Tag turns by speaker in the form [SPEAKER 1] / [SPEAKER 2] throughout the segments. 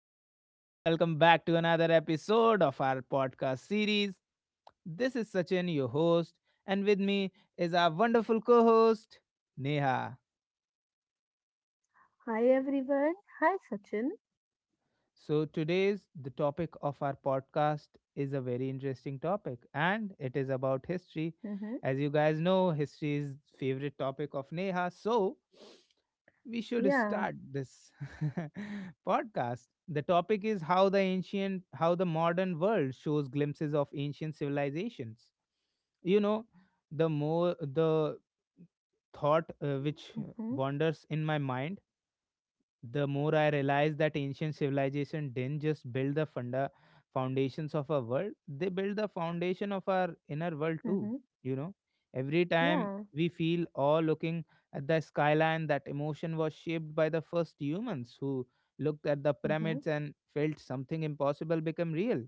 [SPEAKER 1] everyone. Welcome back to another episode of our podcast series. This is Sachin, your host, and with me is our wonderful co host, Neha.
[SPEAKER 2] Hi everyone. Hi Sachin.
[SPEAKER 1] So, today's the topic of our podcast is a very interesting topic and it is about history.
[SPEAKER 2] Mm-hmm.
[SPEAKER 1] As you guys know, history is favorite topic of Neha. So, we should
[SPEAKER 2] Yeah.
[SPEAKER 1] start this podcast. The topic is how the ancient how the modern world shows glimpses of ancient civilizations. You know, the more the thought which
[SPEAKER 2] Mm-hmm.
[SPEAKER 1] wanders in my mind the more I realize that ancient civilization didn't just build the funda foundations of our world, they built the foundation of our inner world too.
[SPEAKER 2] Mm-hmm.
[SPEAKER 1] You know, every time
[SPEAKER 2] Yeah.
[SPEAKER 1] we feel awe looking at the skyline, that emotion was shaped by the first humans who looked at the
[SPEAKER 2] Mm-hmm.
[SPEAKER 1] pyramids and felt something impossible become real.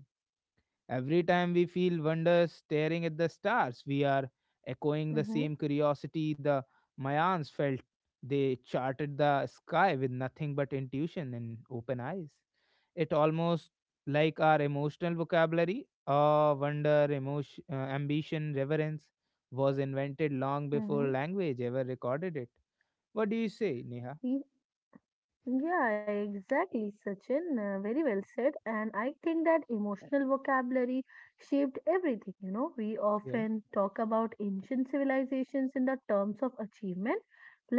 [SPEAKER 1] Every time we feel wonder staring at the stars, we are echoing the
[SPEAKER 2] Mm-hmm.
[SPEAKER 1] same curiosity the Mayans felt. They charted the sky with nothing but intuition and open eyes. It almost like our emotional vocabulary, awe, wonder, emotion, ambition, reverence, was invented long
[SPEAKER 2] Mm-hmm.
[SPEAKER 1] before language ever recorded it. What do you say, Neha?
[SPEAKER 2] Yeah, exactly, Sachin. Very well said. And I think that emotional vocabulary shaped everything. You know, we
[SPEAKER 1] Yeah,
[SPEAKER 2] often talk about ancient civilizations in the terms of achievement,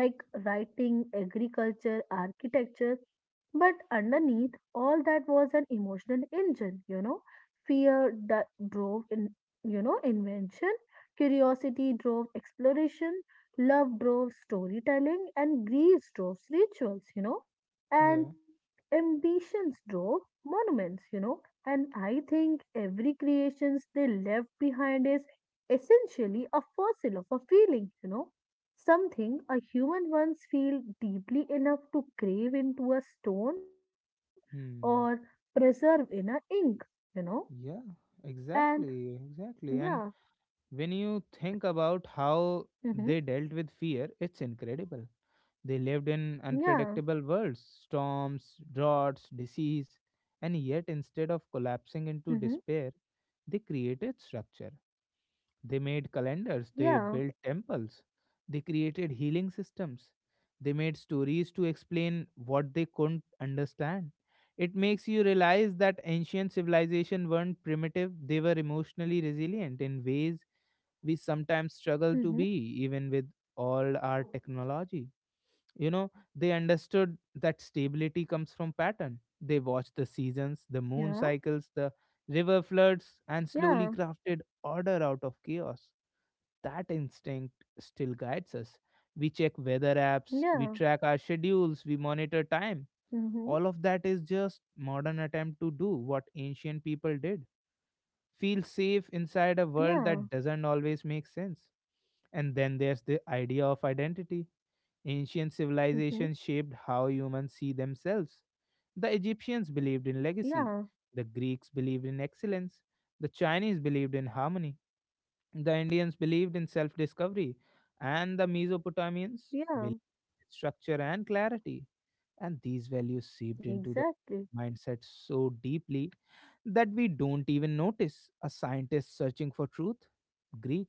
[SPEAKER 2] like writing, agriculture, architecture. But underneath all that was an emotional engine. You know, fear that drove in, you know, invention, curiosity drove exploration, love drove storytelling, and grief drove rituals. You know, and
[SPEAKER 1] yeah,
[SPEAKER 2] ambitions drove monuments, you know. And I think every creations they left behind is essentially a fossil of a feeling, you know, something a human once feel deeply enough to crave into a stone or
[SPEAKER 1] hmm,
[SPEAKER 2] preserve in a ink, you know.
[SPEAKER 1] yeah,
[SPEAKER 2] And
[SPEAKER 1] exactly,
[SPEAKER 2] yeah,
[SPEAKER 1] exactly, and when you think about how
[SPEAKER 2] mm-hmm,
[SPEAKER 1] they dealt with fear, it's incredible. They lived in
[SPEAKER 2] yeah,
[SPEAKER 1] unpredictable worlds, storms, droughts, disease, and yet instead of
[SPEAKER 2] mm-hmm,
[SPEAKER 1] collapsing into despair, they created structure. They made
[SPEAKER 2] yeah,
[SPEAKER 1] calendars, they built temples, they created healing systems, they made stories to explain what they couldn't understand. It makes you realize that ancient civilization weren't primitive, they were emotionally resilient in ways we sometimes struggle to
[SPEAKER 2] mm-hmm,
[SPEAKER 1] be, even with all our technology. You know, they understood that stability comes from pattern. They watched the seasons, the
[SPEAKER 2] yeah,
[SPEAKER 1] moon cycles, the river floods, and
[SPEAKER 2] yeah,
[SPEAKER 1] slowly crafted order out of chaos. That instinct still guides us. We check weather apps, we
[SPEAKER 2] yeah,
[SPEAKER 1] track our schedules, we monitor time.
[SPEAKER 2] mm-hmm,
[SPEAKER 1] All of that is just modern attempt to do what ancient people did. Feel safe inside a world
[SPEAKER 2] yeah,
[SPEAKER 1] that doesn't always make sense. And then there's the idea of identity. Ancient
[SPEAKER 2] mm-hmm,
[SPEAKER 1] civilizations shaped how humans see themselves. The Egyptians believed in legacy,
[SPEAKER 2] yeah,
[SPEAKER 1] the Greeks believed in excellence, the Chinese believed in harmony, the Indians believed in self discovery, and the Mesopotamians
[SPEAKER 2] yeah.
[SPEAKER 1] believed in structure and clarity. And these values seeped into the
[SPEAKER 2] Exactly.
[SPEAKER 1] mindset so deeply that we don't even notice a scientist searching for truth, Greek,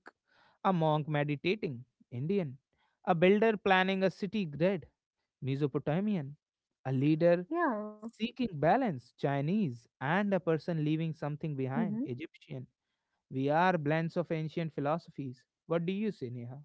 [SPEAKER 1] a monk meditating, Indian, a builder planning a city grid, Mesopotamian, a leader
[SPEAKER 2] Yeah.
[SPEAKER 1] seeking balance, Chinese, and a person leaving something
[SPEAKER 2] Hmm.
[SPEAKER 1] behind, Egyptian. We are blends of ancient philosophies. What do you say, Neha?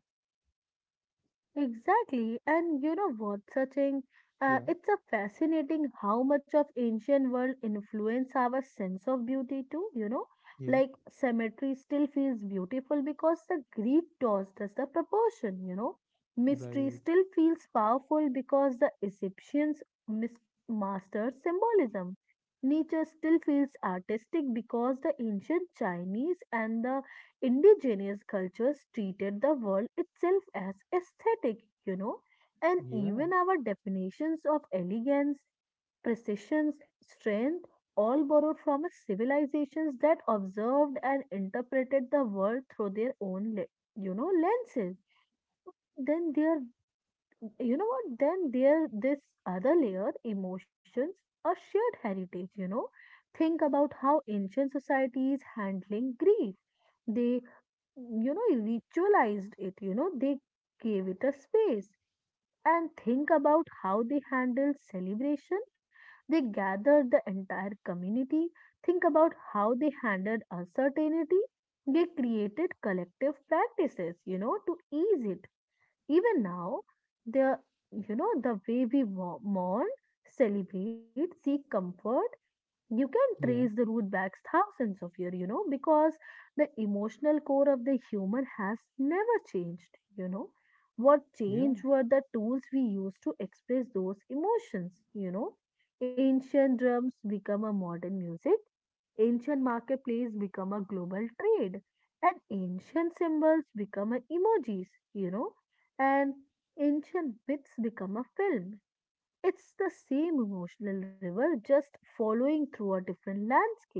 [SPEAKER 2] Exactly. And you know what, Sachin?
[SPEAKER 1] Yeah,
[SPEAKER 2] It's a fascinating how much of ancient world influence our sense of beauty too, you know?
[SPEAKER 1] yeah,
[SPEAKER 2] Like cemetery still feels beautiful because the Greek tossed us the proportion, you know? Mystery
[SPEAKER 1] right.
[SPEAKER 2] still feels powerful because the Egyptians mastered symbolism. Nature still feels artistic because the ancient Chinese and the indigenous cultures treated the world itself as aesthetic, you know, and
[SPEAKER 1] Yeah,
[SPEAKER 2] even our definitions of elegance, precision, strength all borrowed from a civilizations that observed and interpreted the world through their own, you know, lenses. Then there, you know what? Then there, this other layer, emotions, a shared heritage, you know. Think about how ancient societies handling grief they you know, ritualized it, you know, they gave it a space. And think about how they handled celebration. They gathered the entire community. Think about how they handled uncertainty. They created collective practices, you know, to ease it. Even now, the you know the way we mourn, celebrate, seek comfort you can trace the
[SPEAKER 1] yeah,
[SPEAKER 2] root back thousands of years, you know, because the emotional core of the human has never changed, you know. What
[SPEAKER 1] yeah,
[SPEAKER 2] changed were the tools we used to express those emotions, you know. Ancient drums become a modern music, ancient marketplace become a global trade, and ancient symbols become a emojis, you know, and ancient myths become a film. It's the same emotional river, just following through a different landscape.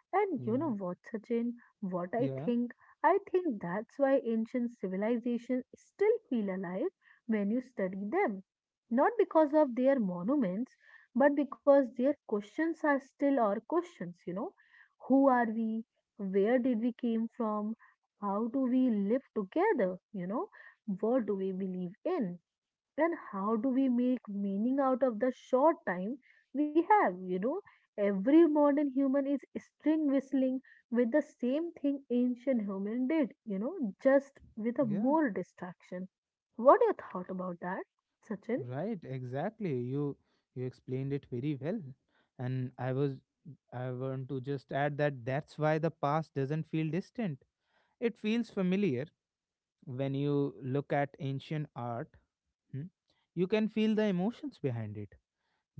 [SPEAKER 2] And you know
[SPEAKER 1] yeah,
[SPEAKER 2] what, Sachin? What I
[SPEAKER 1] yeah,
[SPEAKER 2] think? I think that's why ancient civilizations still feel alive when you study them. Not because of their monuments, but because their questions are still our questions, you know. Who are we? Where did we came from? How do we live together? You know, what do we believe in? Then how do we make meaning out of the short time we have, you know, every modern human is string whistling with the same thing ancient human did, you know, just with a
[SPEAKER 1] yeah.
[SPEAKER 2] more distraction. What your thought about that, Sachin?
[SPEAKER 1] Right, exactly. You explained it very well, and I was I want to just add that that's why the past doesn't feel distant. It feels familiar when you look at ancient art. Hmm. You can feel the emotions behind it.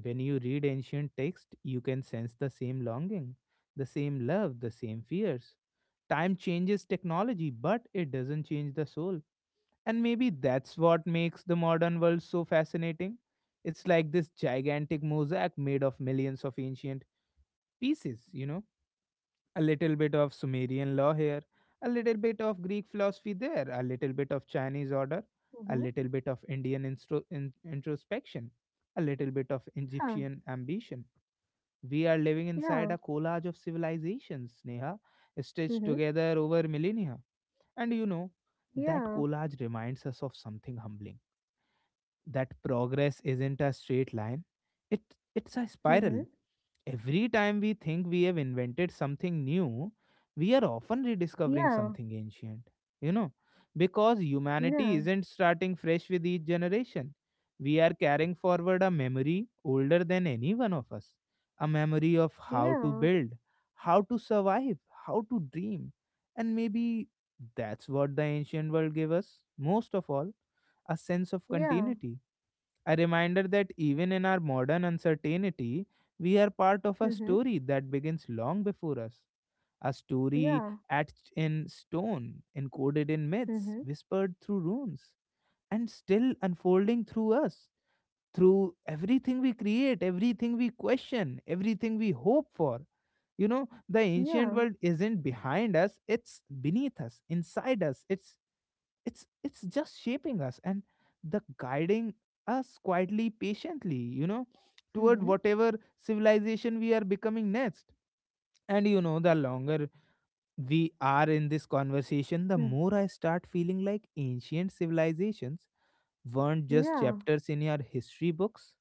[SPEAKER 1] When you read ancient text, you can sense the same longing, the same love, the same fears. Time changes technology, but it doesn't change the soul. And maybe that's what makes the modern world so fascinating. It's like this gigantic mosaic made of millions of ancient pieces, you know? A little bit of Sumerian law here, a little bit of Greek philosophy there, a little bit of Chinese order, a
[SPEAKER 2] Mm-hmm.
[SPEAKER 1] little bit of introspection, a little bit of
[SPEAKER 2] Yeah.
[SPEAKER 1] Egyptian ambition. We are living
[SPEAKER 2] Yeah.
[SPEAKER 1] inside a collage of civilizations, Neha,
[SPEAKER 2] Mm-hmm.
[SPEAKER 1] stitched together over millennia. And you know, that
[SPEAKER 2] Yeah.
[SPEAKER 1] collage reminds us of something humbling, that progress isn't a straight line, it it's a
[SPEAKER 2] Mm-hmm.
[SPEAKER 1] spiral. Every time we think we have invented something new, we are often rediscovering
[SPEAKER 2] Yeah.
[SPEAKER 1] something ancient, you know, because
[SPEAKER 2] Yeah.
[SPEAKER 1] humanity isn't starting fresh with each generation. We are carrying forward a memory older than any one of us, a memory of how
[SPEAKER 2] Yeah.
[SPEAKER 1] to build, how to survive, how to dream. And maybe that's what the ancient world gave us most of all, a sense of
[SPEAKER 2] Yeah.
[SPEAKER 1] continuity, a reminder that even in our modern uncertainty, we are part of a
[SPEAKER 2] Mm-hmm.
[SPEAKER 1] story that begins long before us. A story
[SPEAKER 2] Yeah.
[SPEAKER 1] etched in stone, encoded in myths,
[SPEAKER 2] Mm-hmm.
[SPEAKER 1] whispered through runes, and still unfolding through us, through everything we create, everything we question, everything we hope for. You know, the
[SPEAKER 2] Yeah.
[SPEAKER 1] ancient world isn't behind us, it's beneath us, inside us. It's just shaping us and the guiding us quietly, patiently, you know, toward
[SPEAKER 2] Mm-hmm.
[SPEAKER 1] whatever civilization we are becoming next. And you know, the longer we are in this conversation, the more I start feeling like ancient civilizations weren't just
[SPEAKER 2] Yeah.
[SPEAKER 1] chapters in your history books,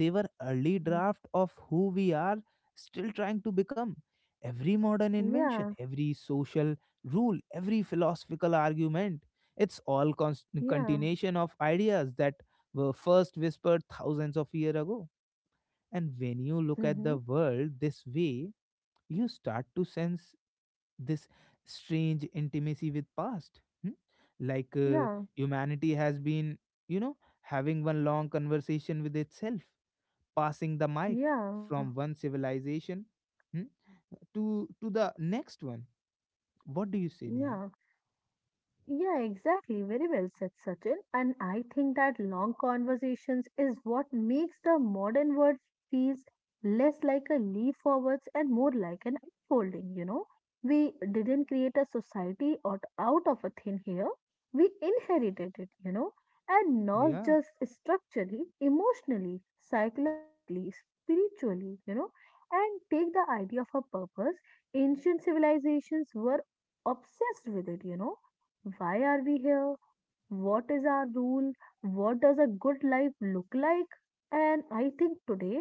[SPEAKER 1] they were early
[SPEAKER 2] Mm.
[SPEAKER 1] draft of who we are still trying to become. Every modern invention,
[SPEAKER 2] Yeah.
[SPEAKER 1] every social rule, every philosophical argument, it's all
[SPEAKER 2] Yeah.
[SPEAKER 1] continuation of ideas that were first whispered thousands of years ago. And when you look
[SPEAKER 2] Mhm.
[SPEAKER 1] at the world this way, you start to sense this strange intimacy with past, hmm? Like
[SPEAKER 2] Yeah.
[SPEAKER 1] humanity has been, you know, having one long conversation with itself, passing the mic
[SPEAKER 2] Yeah.
[SPEAKER 1] from one civilization, hmm, to to the next one. What do you say, Neha?
[SPEAKER 2] Yeah. Yeah, exactly. Very well said, Sachin. And I think that long conversations is what makes the modern world feels less like a leap forwards and more like an unfolding, you know. We didn't create a society out of a thin here. We inherited it, you know, and not
[SPEAKER 1] Yeah,
[SPEAKER 2] just structurally, emotionally, psychologically, spiritually, you know. And take the idea of a purpose. Ancient civilizations were obsessed with it, you know, why are we here? What is our rule? What does a good life look like? And I think today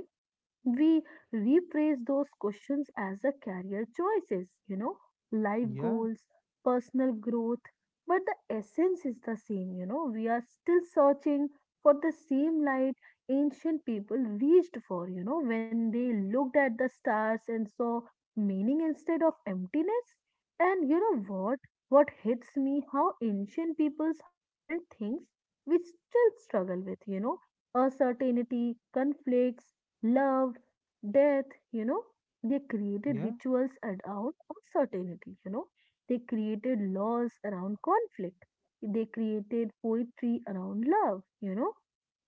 [SPEAKER 2] we rephrase those questions as a career choices, you know, life
[SPEAKER 1] yeah,
[SPEAKER 2] goals, personal growth. But the essence is the same, you know, we are still searching for the same light ancient people reached for, you know, when they looked at the stars and saw meaning instead of emptiness. And you know what? What hits me how ancient peoples handled things we still struggle with, you know, uncertainty, conflicts, love, death, you know. They created
[SPEAKER 1] yeah,
[SPEAKER 2] rituals around uncertainty, you know. They created laws around conflict. They created poetry around love, you know.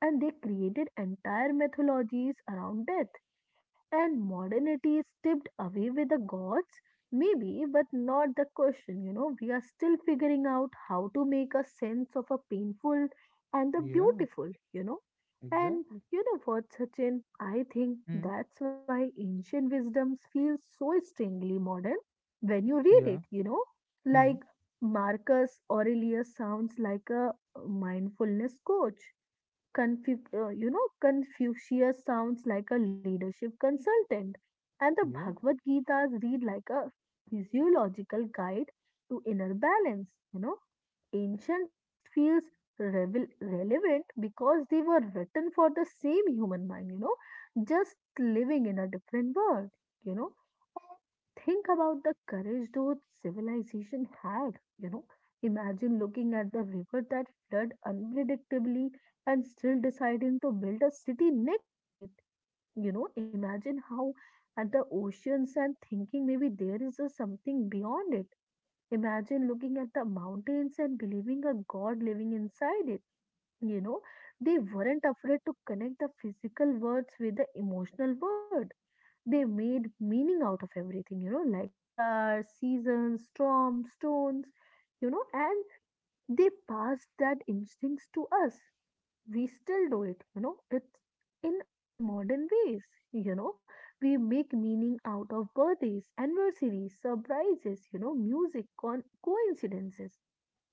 [SPEAKER 2] And they created entire mythologies around death and modernity is tipped away with the gods? Maybe, but not the question. You know, we are still figuring out how to make a sense of a painful and the
[SPEAKER 1] yeah,
[SPEAKER 2] beautiful, you know. And
[SPEAKER 1] exactly.
[SPEAKER 2] you know what, Sachin? I think
[SPEAKER 1] Hmm,
[SPEAKER 2] that's why ancient wisdoms feel so strangely modern when you read it,
[SPEAKER 1] yeah,
[SPEAKER 2] you know.
[SPEAKER 1] hmm,
[SPEAKER 2] Like Marcus Aurelius sounds like a mindfulness coach, you know, Confucius sounds like a leadership consultant, and the
[SPEAKER 1] yeah,
[SPEAKER 2] Bhagavad Gita read like a physiological guide to inner balance. You know, ancient text feels relevant because they were written for the same human mind. You know, just living in a different world. You know, think about the courage those civilization had, you know, imagine looking at the river that flowed unpredictably and still deciding to build a city next to it. You know, imagine how at the oceans and thinking maybe there is a something beyond it. Imagine looking at the mountains and believing a god living inside it. You know, they weren't afraid to connect the physical words with the emotional world. They made meaning out of everything, you know, like stars, seasons, storms, stones, you know, and they passed that instincts to us. We still do it, you know, it's in our modern ways, you know. We make meaning out of birthdays, anniversaries, surprises, you know, music, coincidences.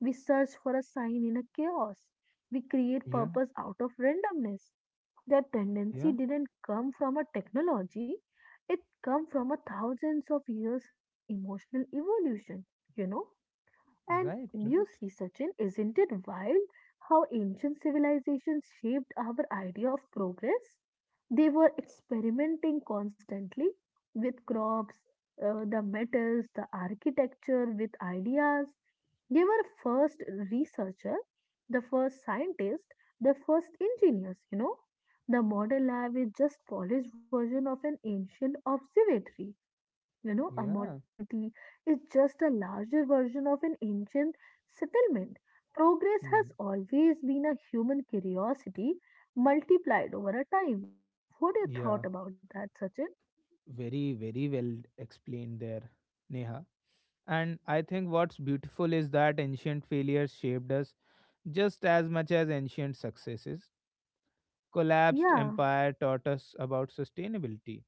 [SPEAKER 2] We search for a sign in a chaos. We create
[SPEAKER 1] yeah,
[SPEAKER 2] purpose out of randomness. That
[SPEAKER 1] yeah.
[SPEAKER 2] tendency didn't come from a technology, it come from a thousands of years of an emotional evolution, you know. And
[SPEAKER 1] Right,
[SPEAKER 2] you
[SPEAKER 1] right.
[SPEAKER 2] see, Sachin, isn't it wild how ancient civilizations shaped our idea of progress? They were experimenting constantly with crops, the metals, the architecture, with ideas. They were first researcher, the first scientist, the first engineers, you know. The modern lab is just polished version of an ancient observatory, you know, a
[SPEAKER 1] Yeah,
[SPEAKER 2] modern city is just a larger version of an ancient settlement. Progress
[SPEAKER 1] hmm,
[SPEAKER 2] has always been a human curiosity multiplied over a time. What do you
[SPEAKER 1] yeah.
[SPEAKER 2] thought about that, Sachin?
[SPEAKER 1] Very, very well explained there, Neha. And I think what's beautiful is that ancient failures shaped us just as much as ancient successes. Collapsed
[SPEAKER 2] Yeah.
[SPEAKER 1] empire taught us about sustainability.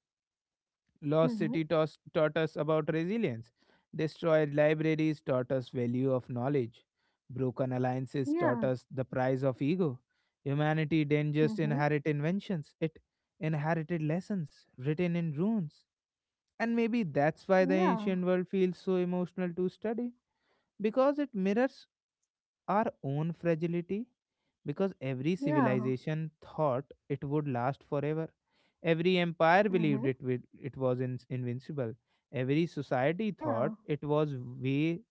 [SPEAKER 2] Mm-hmm.
[SPEAKER 1] Taught us about resilience. Destroyed libraries taught us value of knowledge. Broken alliances taught
[SPEAKER 2] Yeah.
[SPEAKER 1] us the price of ego. Humanity didn't just
[SPEAKER 2] Mm-hmm.
[SPEAKER 1] inherit inventions, it inherited lessons written in runes. And maybe that's why the
[SPEAKER 2] Yeah.
[SPEAKER 1] ancient world feels so emotional to study, because it mirrors our own fragility, because every
[SPEAKER 2] Yeah.
[SPEAKER 1] civilization thought it would last forever. Every empire
[SPEAKER 2] Mm-hmm.
[SPEAKER 1] believed it was, invincible. Every society
[SPEAKER 2] Yeah.
[SPEAKER 1] thought it was way,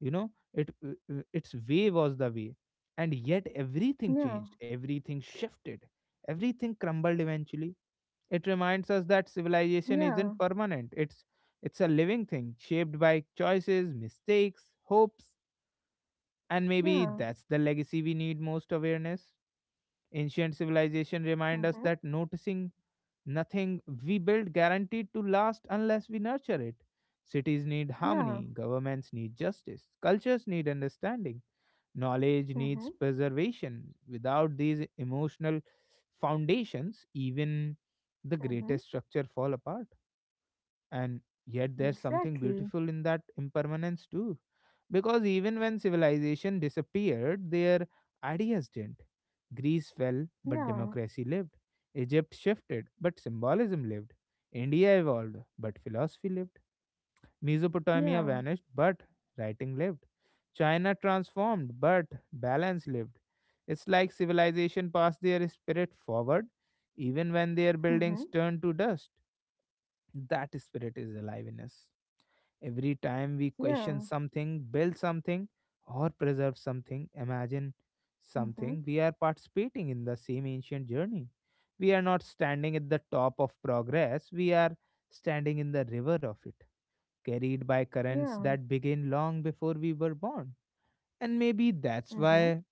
[SPEAKER 1] you know, it its way was the way. And yet everything
[SPEAKER 2] Yeah.
[SPEAKER 1] changed, everything shifted, everything crumbled eventually. It reminds us that civilization
[SPEAKER 2] Yeah.
[SPEAKER 1] isn't permanent. It's a living thing shaped by choices, mistakes, hopes, and maybe
[SPEAKER 2] Yeah.
[SPEAKER 1] that's the legacy we need most, awareness. Ancient civilization remind us
[SPEAKER 2] Mm-hmm.
[SPEAKER 1] that noticing nothing we build guaranteed to last unless we nurture it. Cities need
[SPEAKER 2] Yeah.
[SPEAKER 1] harmony, governments need justice, cultures need understanding, knowledge needs
[SPEAKER 2] Mm-hmm.
[SPEAKER 1] preservation. Without these emotional foundations, even the
[SPEAKER 2] Mm-hmm.
[SPEAKER 1] greatest structure fall apart. And yet there's something
[SPEAKER 2] Exactly.
[SPEAKER 1] beautiful in that impermanence too, because even when civilization disappeared, their ideas didn't. Greece fell but
[SPEAKER 2] Yeah.
[SPEAKER 1] democracy lived, Egypt shifted but symbolism lived, India evolved but philosophy lived, Mesopotamia
[SPEAKER 2] Yeah.
[SPEAKER 1] vanished but writing lived, China transformed but balance lived. It's like civilization passed their spirit forward even when their
[SPEAKER 2] Mm-hmm.
[SPEAKER 1] buildings turned to dust. That spirit is alive in us. Every time we question
[SPEAKER 2] Yeah.
[SPEAKER 1] something, build something, or preserve something, imagine
[SPEAKER 2] Mm-hmm.
[SPEAKER 1] something, we are participating in the same ancient journey. We are not standing at the top of progress, we are standing in the river of it, carried by currents
[SPEAKER 2] Yeah.
[SPEAKER 1] that began long before we were born. And maybe that's
[SPEAKER 2] Mm-hmm.
[SPEAKER 1] why,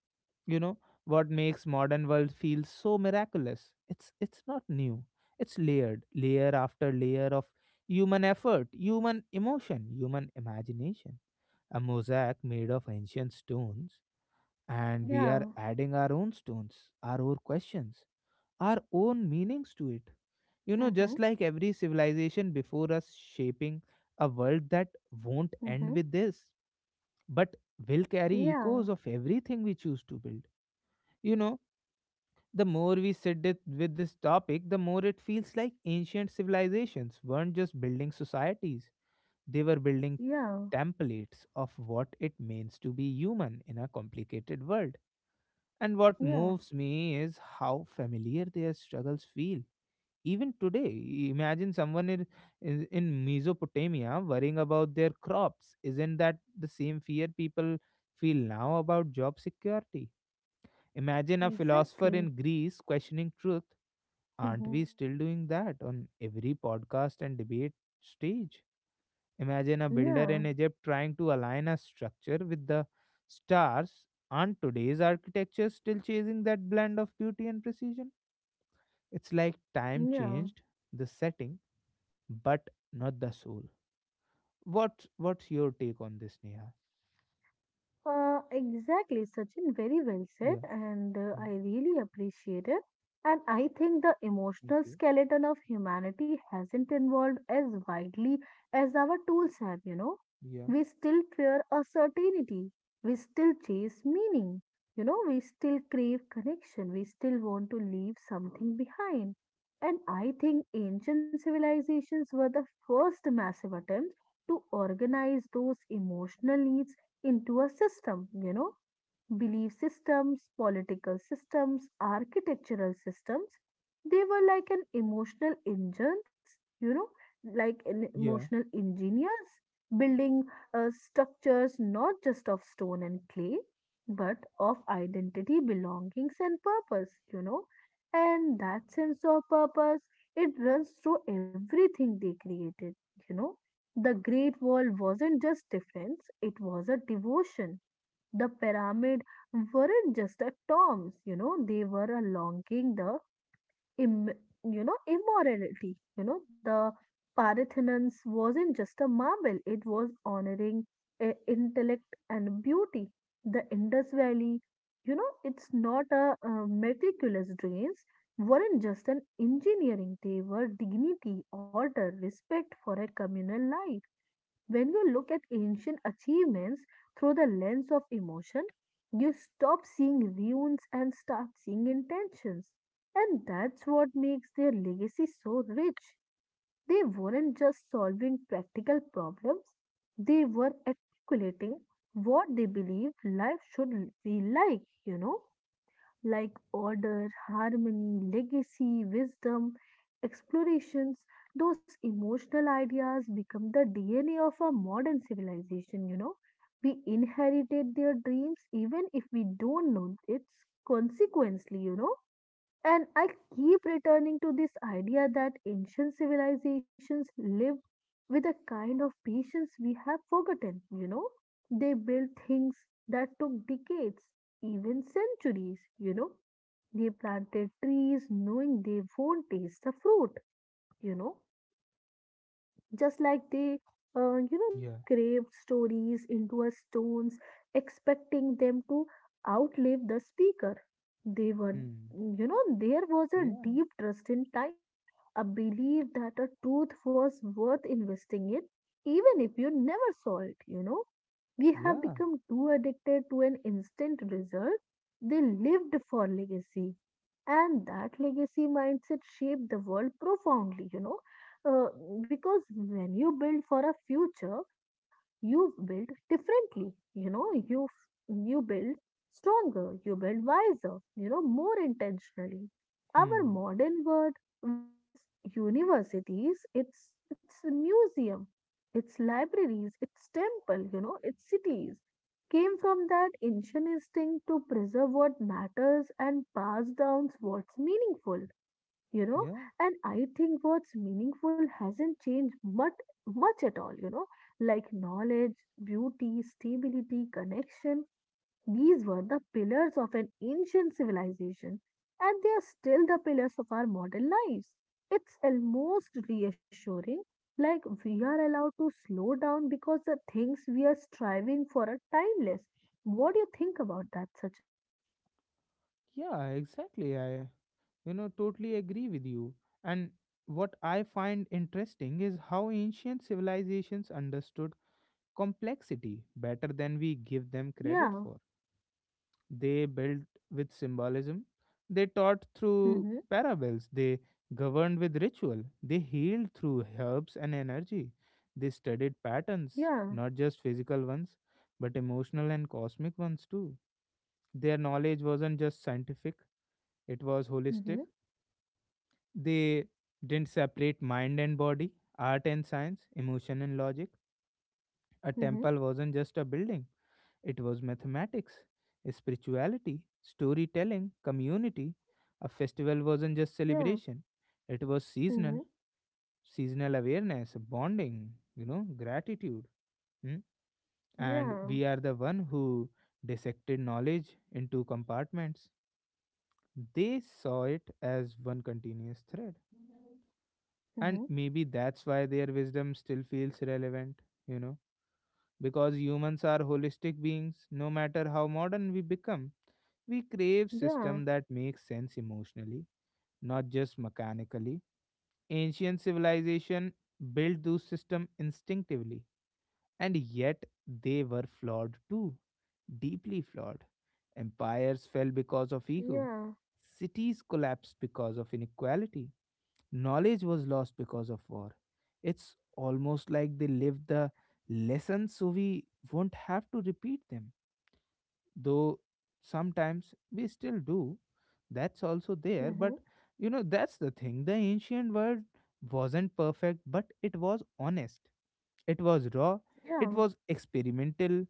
[SPEAKER 1] you know, what makes modern world feel so miraculous, it's not new, it's layered, layer after layer of human effort, human emotion, human imagination, a mosaic made of ancient stones. And we are
[SPEAKER 2] Yeah.
[SPEAKER 1] adding our own stones, our own questions, our own meanings to it, you know,
[SPEAKER 2] Mm-hmm.
[SPEAKER 1] just like every civilization before us, shaping a world that won't
[SPEAKER 2] Mm-hmm.
[SPEAKER 1] end with this, but will carry
[SPEAKER 2] Yeah.
[SPEAKER 1] echoes of everything we choose to build, you know. The more we sit with this topic, the more it feels like ancient civilizations weren't just building societies, they were building
[SPEAKER 2] Yeah.
[SPEAKER 1] templates of what it means to be human in a complicated world. And what
[SPEAKER 2] Yeah.
[SPEAKER 1] moves me is how familiar their struggles feel. Even today, imagine someone in Mesopotamia worrying about their crops. Isn't that the same fear people feel now about job security? Imagine a philosopher
[SPEAKER 2] Exactly.
[SPEAKER 1] in Greece questioning truth. Aren't
[SPEAKER 2] Mm-hmm.
[SPEAKER 1] we still doing that on every podcast and debate stage? Imagine a builder
[SPEAKER 2] Yeah.
[SPEAKER 1] in Egypt trying to align a structure with the stars. Aren't today's architecture still chasing that blend of beauty and precision? It's like time
[SPEAKER 2] Yeah.
[SPEAKER 1] changed the setting, but not the soul. What's your take on this, Neha?
[SPEAKER 2] Exactly, Sachin, very well said,
[SPEAKER 1] Yeah.
[SPEAKER 2] and
[SPEAKER 1] Mm,
[SPEAKER 2] I really appreciate it. And I think the
[SPEAKER 1] thank
[SPEAKER 2] emotional
[SPEAKER 1] you.
[SPEAKER 2] skeleton of humanity hasn't evolved as widely as our tools have, you know.
[SPEAKER 1] Yeah.
[SPEAKER 2] We still fear uncertainty. We still chase meaning, you know, we still crave connection, we still want to leave something behind. And I think ancient civilizations were the first massive attempts to organize those emotional needs into a system, you know, belief systems, political systems, architectural systems. They were like an emotional engines, you know, like an
[SPEAKER 1] Yeah.
[SPEAKER 2] emotional engineers building structures not just of stone and clay, but of identity, belongings, and purpose, you know. And that sense of purpose, it runs through everything they created, you know. The Great Wall wasn't just defense, it was a devotion. The pyramid weren't just a terms, you know, they were a longing the Im- you know immorality. You know, the Parthenons wasn't just a marble, it was honoring intellect and beauty. The Indus Valley, you know, it's not a, meticulous drains weren't just an engineering, they were dignity, order, respect for a communal life. When you look at ancient achievements through the lens of emotion, you stop seeing ruins and start seeing intentions. And that's what makes their legacy so rich. They weren't just solving practical problems, they were articulating what they believe life should be like, you know? Like order, harmony, legacy, wisdom, explorations, those emotional ideas become the DNA of our modern civilization, you know. We inherited their dreams even if we don't know its consequently, you know. And I keep returning to this idea that ancient civilizations lived with a kind of patience we have forgotten, you know. They built things that took decades, even centuries. They planted trees knowing they won't taste the fruit, you know just like they you know they
[SPEAKER 1] Yeah.
[SPEAKER 2] craved stories into a stones expecting them to outlive the speaker they were
[SPEAKER 1] Hmm.
[SPEAKER 2] you know there was a
[SPEAKER 1] Yeah.
[SPEAKER 2] deep trust in time, a belief that a truth was worth investing in even if you never saw it. We have
[SPEAKER 1] Yeah.
[SPEAKER 2] become too addicted to an instant result. They lived for legacy, and that legacy mindset shaped the world profoundly. You know uh, because when you build for a future, you build differently. You build stronger, you build wiser, more intentionally. Our
[SPEAKER 1] Hmm.
[SPEAKER 2] modern world, with its universities, its museum, its libraries, its temple, its cities, came from that ancient instinct to preserve what matters and pass down what's meaningful you know
[SPEAKER 1] Yeah.
[SPEAKER 2] and I think what's meaningful hasn't changed much much at all. Like knowledge, beauty, stability, connection, these were the pillars of an ancient civilization, and they are still the pillars of our modern lives. It's almost reassuring, like we are allowed to slow down because the things we are striving for are timeless. What do you think about that, Sachin?
[SPEAKER 1] Yeah. Exactly. I You know, totally agree with you. And what I find interesting is how ancient civilizations understood complexity better than we give them credit
[SPEAKER 2] Yeah.
[SPEAKER 1] for. They built with symbolism, they taught through
[SPEAKER 2] Mm-hmm.
[SPEAKER 1] parables, they governed with ritual, they healed through herbs and energy, they studied patterns,
[SPEAKER 2] Yeah.
[SPEAKER 1] not just physical ones, but emotional and cosmic ones too. Their knowledge wasn't just scientific, it was holistic.
[SPEAKER 2] Mm-hmm.
[SPEAKER 1] They didn't separate mind and body, art and science, emotion and logic. A
[SPEAKER 2] Mm-hmm.
[SPEAKER 1] temple wasn't just a building, it was mathematics, spirituality, storytelling, community. A festival wasn't just
[SPEAKER 2] Yeah.
[SPEAKER 1] celebration, it was
[SPEAKER 2] Hmm.
[SPEAKER 1] seasonal awareness, bonding, you know, gratitude. Mm. And
[SPEAKER 2] Yeah.
[SPEAKER 1] we are the one who dissected knowledge into compartments. They saw it as one continuous thread. And
[SPEAKER 2] Mhm.
[SPEAKER 1] maybe that's why their wisdom still feels relevant, you know, because humans are holistic beings, no matter how modern we become. We crave system
[SPEAKER 2] Yeah.
[SPEAKER 1] that makes sense emotionally, not just mechanically. Ancient civilization built those system instinctively, and yet they were flawed too, deeply flawed. Empires fell because of ego.
[SPEAKER 2] Yeah.
[SPEAKER 1] Cities collapsed because of inequality. Knowledge was lost because of war. It's almost like they lived the lessons so we won't have to repeat them, though sometimes we still do. That's also there,
[SPEAKER 2] Mhm.
[SPEAKER 1] but that's the thing. The ancient world wasn't perfect, but it was honest, it was raw, it
[SPEAKER 2] Yeah.
[SPEAKER 1] was experimental.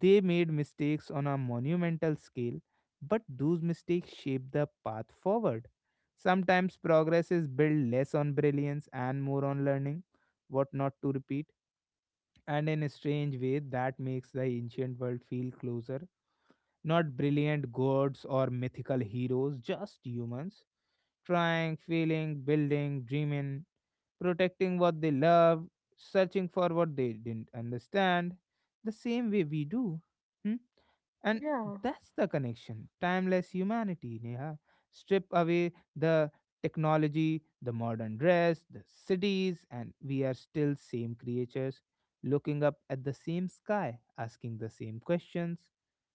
[SPEAKER 1] They made mistakes on a monumental scale, but those mistakes shaped the path forward. Sometimes progress is built less on brilliance and more on learning what not to repeat, and in a strange way, that makes the ancient world feel closer. Not brilliant gods or mythical heroes, just humans trying, failing, building, dreaming, protecting what they love, searching for what they didn't understand, the same way we do. Hmm? And
[SPEAKER 2] Yeah.
[SPEAKER 1] that's the connection. Timeless humanity, Neha. Strip away the technology, the modern dress, the cities, and we are still same creatures, looking up at the same sky, asking the same questions,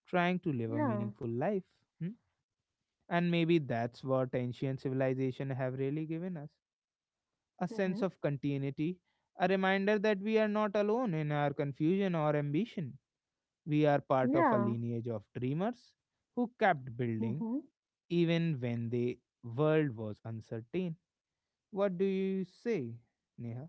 [SPEAKER 1] trying to live a
[SPEAKER 2] Yeah.
[SPEAKER 1] meaningful life. Hmm? And maybe that's what ancient civilization have really given us, a sense
[SPEAKER 2] Mhm.
[SPEAKER 1] of continuity, a reminder that we are not alone in our confusion or ambition. We are part of a
[SPEAKER 2] Yeah.
[SPEAKER 1] lineage of dreamers who kept building
[SPEAKER 2] Mhm.
[SPEAKER 1] even when the world was uncertain. What do you say, Neha?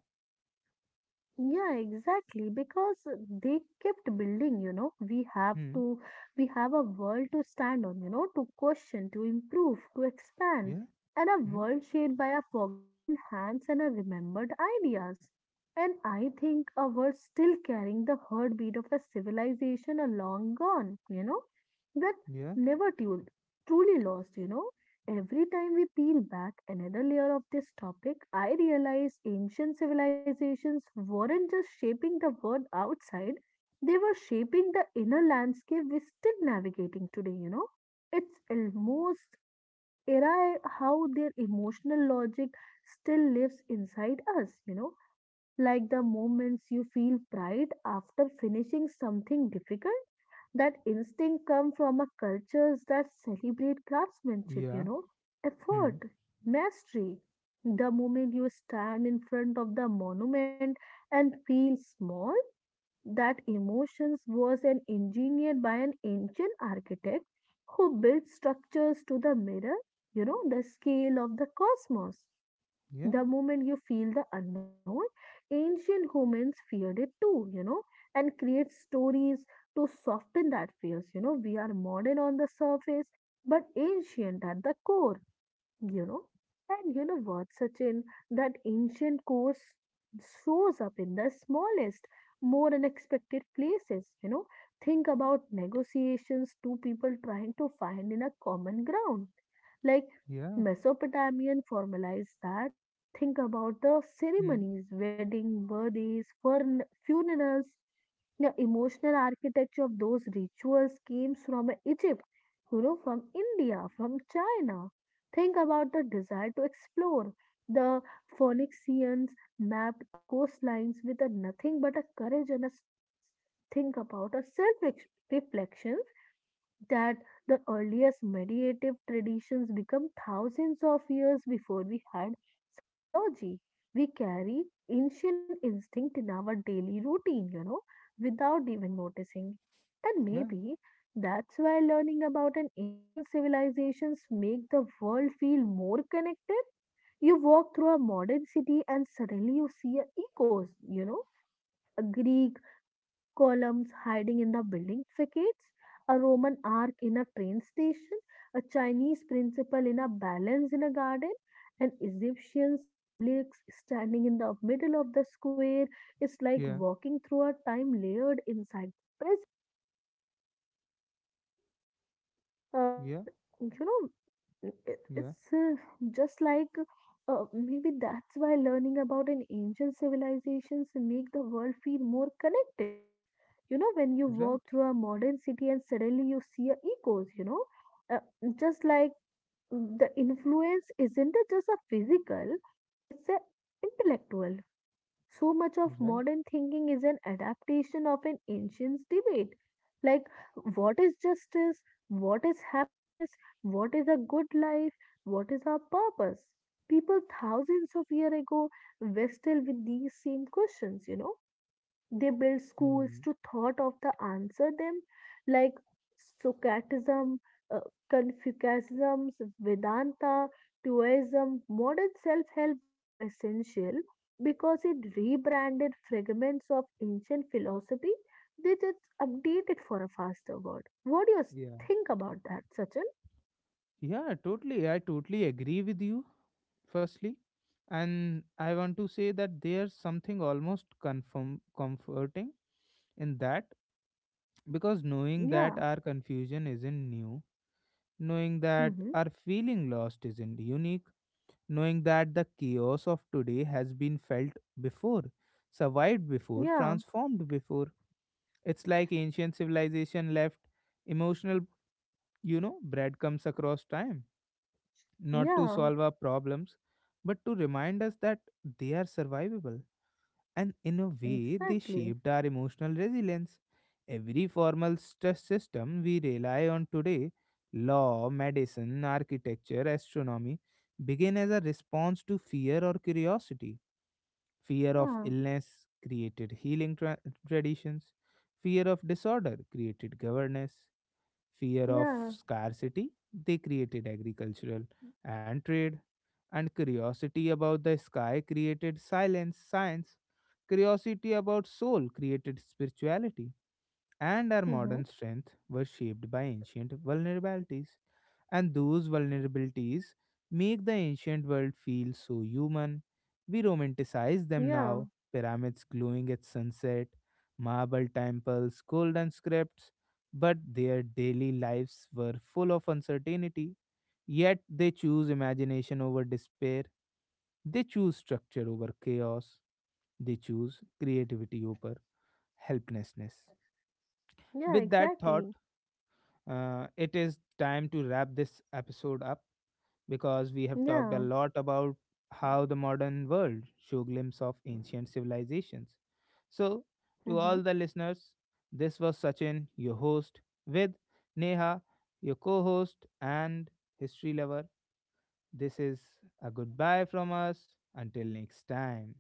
[SPEAKER 2] Yeah, exactly. Because they kept building. We have
[SPEAKER 1] Hmm.
[SPEAKER 2] to, we have a world to stand on, to question, to improve, to expand,
[SPEAKER 1] Yeah.
[SPEAKER 2] and a
[SPEAKER 1] Hmm.
[SPEAKER 2] world shaped by our forgotten hands and our remembered ideas. And I think a world still carrying the heartbeat of a civilization a long gone, that
[SPEAKER 1] Yeah.
[SPEAKER 2] never truly lost. Every time we peel back another layer of this topic, I realize ancient civilizations weren't just shaping the world outside, they were shaping the inner landscape we're still navigating today. It's almost era how their emotional logic still lives inside us. Like the moments you feel pride after finishing something difficult, that instinct come from a cultures that celebrate craftsmanship you
[SPEAKER 1] Yeah.
[SPEAKER 2] know
[SPEAKER 1] Hmm.
[SPEAKER 2] effort mastery the moment you stand in front of the monument and feel small, that emotions was an engineered by an ancient architect who built structures to the mirror, the scale of the cosmos.
[SPEAKER 1] Yeah.
[SPEAKER 2] The moment you feel the unknown, ancient humans feared it too, and create stories to soften that fears. We are modern on the surface, but ancient at the core you know. And you know what, Sachin, that ancient course shows up in the smallest, more unexpected places. Think about negotiations, two people trying to find in a common ground. Like
[SPEAKER 1] Yeah.
[SPEAKER 2] Mesopotamian formalize that. Think about the
[SPEAKER 1] Hmm.
[SPEAKER 2] ceremonies, wedding, birthdays, funerals, the emotional architecture of those rituals came from Egypt, from India, from China. Think about the desire to explore. The Phoenicians mapped coastlines with a nothing but a courage and a stars. Think about a self reflection, that the earliest meditative traditions become thousands of years before we had psychology. We carry ancient instinct in our daily routine, without even noticing. And
[SPEAKER 1] Yeah.
[SPEAKER 2] maybe that's why learning about an ancient civilizations make the world feel more connected. You walk through a modern city and suddenly you see a echoes, a Greek columns hiding in the building facades, a Roman arc in a train station, a Chinese principle in a balance in a garden, an Egyptian obelisk standing in the middle of the square. It's like
[SPEAKER 1] Yeah.
[SPEAKER 2] walking through a time layered inside the presence.
[SPEAKER 1] Yeah.
[SPEAKER 2] And you know, it-
[SPEAKER 1] Yeah.
[SPEAKER 2] it's just like maybe that's why learning about an ancient civilizations make the world feel more connected. When you walk
[SPEAKER 1] Right.
[SPEAKER 2] through a modern city and suddenly you see a echoes, you know, uh, just like mm, the influence isn't it just a physical, it's a intellectual. So much of
[SPEAKER 1] Right.
[SPEAKER 2] modern thinking is an adaptation of an ancient debate. Like, what is justice? What is happiness? What is a good life? What is our purpose? People thousands of years ago wrestled with these same questions. They build schools
[SPEAKER 1] Hmm.
[SPEAKER 2] to thought of the answer them, like Socratism, uh, Confucianism, Vedanta, Taoism. Modern self-help books are essential because it rebranded fragments of ancient philosophy. They just updated for a faster word. What do you
[SPEAKER 1] Yeah.
[SPEAKER 2] think about that, Sachin?
[SPEAKER 1] Yeah, totally. I totally agree with you, firstly. And I want to say that there's something almost comforting in that, because knowing that
[SPEAKER 2] Yeah.
[SPEAKER 1] our confusion isn't new, knowing that
[SPEAKER 2] Mm-hmm.
[SPEAKER 1] our feeling lost isn't unique, knowing that the chaos of today has been felt before, survived before,
[SPEAKER 2] Yeah.
[SPEAKER 1] transformed before. It's like ancient civilization left emotional, breadcrumbs across time, not to solve
[SPEAKER 2] Yeah.
[SPEAKER 1] our problems, but to remind us that they are survivable. And in a way, they
[SPEAKER 2] Exactly.
[SPEAKER 1] shaped our emotional resilience. Every formal stress system we rely on today, law, medicine, architecture, astronomy, begin as a response to fear or curiosity. Fear of
[SPEAKER 2] Yeah.
[SPEAKER 1] illness created traditions, fear of disorder created governance, fear of
[SPEAKER 2] Yeah.
[SPEAKER 1] scarcity, they created agricultural and trade, and curiosity about the sky created silence, science. Curiosity about soul created spirituality, and our
[SPEAKER 2] Mm-hmm.
[SPEAKER 1] modern strength was shaped by ancient vulnerabilities. And those vulnerabilities make the ancient world feel so human. We romanticize them
[SPEAKER 2] Yeah.
[SPEAKER 1] now, pyramids glowing at sunset, marble temples, golden scripts. But their daily lives were full of uncertainty. Yet they choose imagination over despair, they choose structure over chaos, they choose creativity over helplessness.
[SPEAKER 2] Yeah.
[SPEAKER 1] With that thought,
[SPEAKER 2] Exactly.
[SPEAKER 1] it is time to wrap this episode up, because we have talked a
[SPEAKER 2] Yeah.
[SPEAKER 1] lot about how the modern world show glimpse of ancient civilizations. So, to
[SPEAKER 2] Uh
[SPEAKER 1] all
[SPEAKER 2] huh.
[SPEAKER 1] the listeners, this was Sachin, your host, with Neha, your co-host and history lover. This is a goodbye from us. Until next time.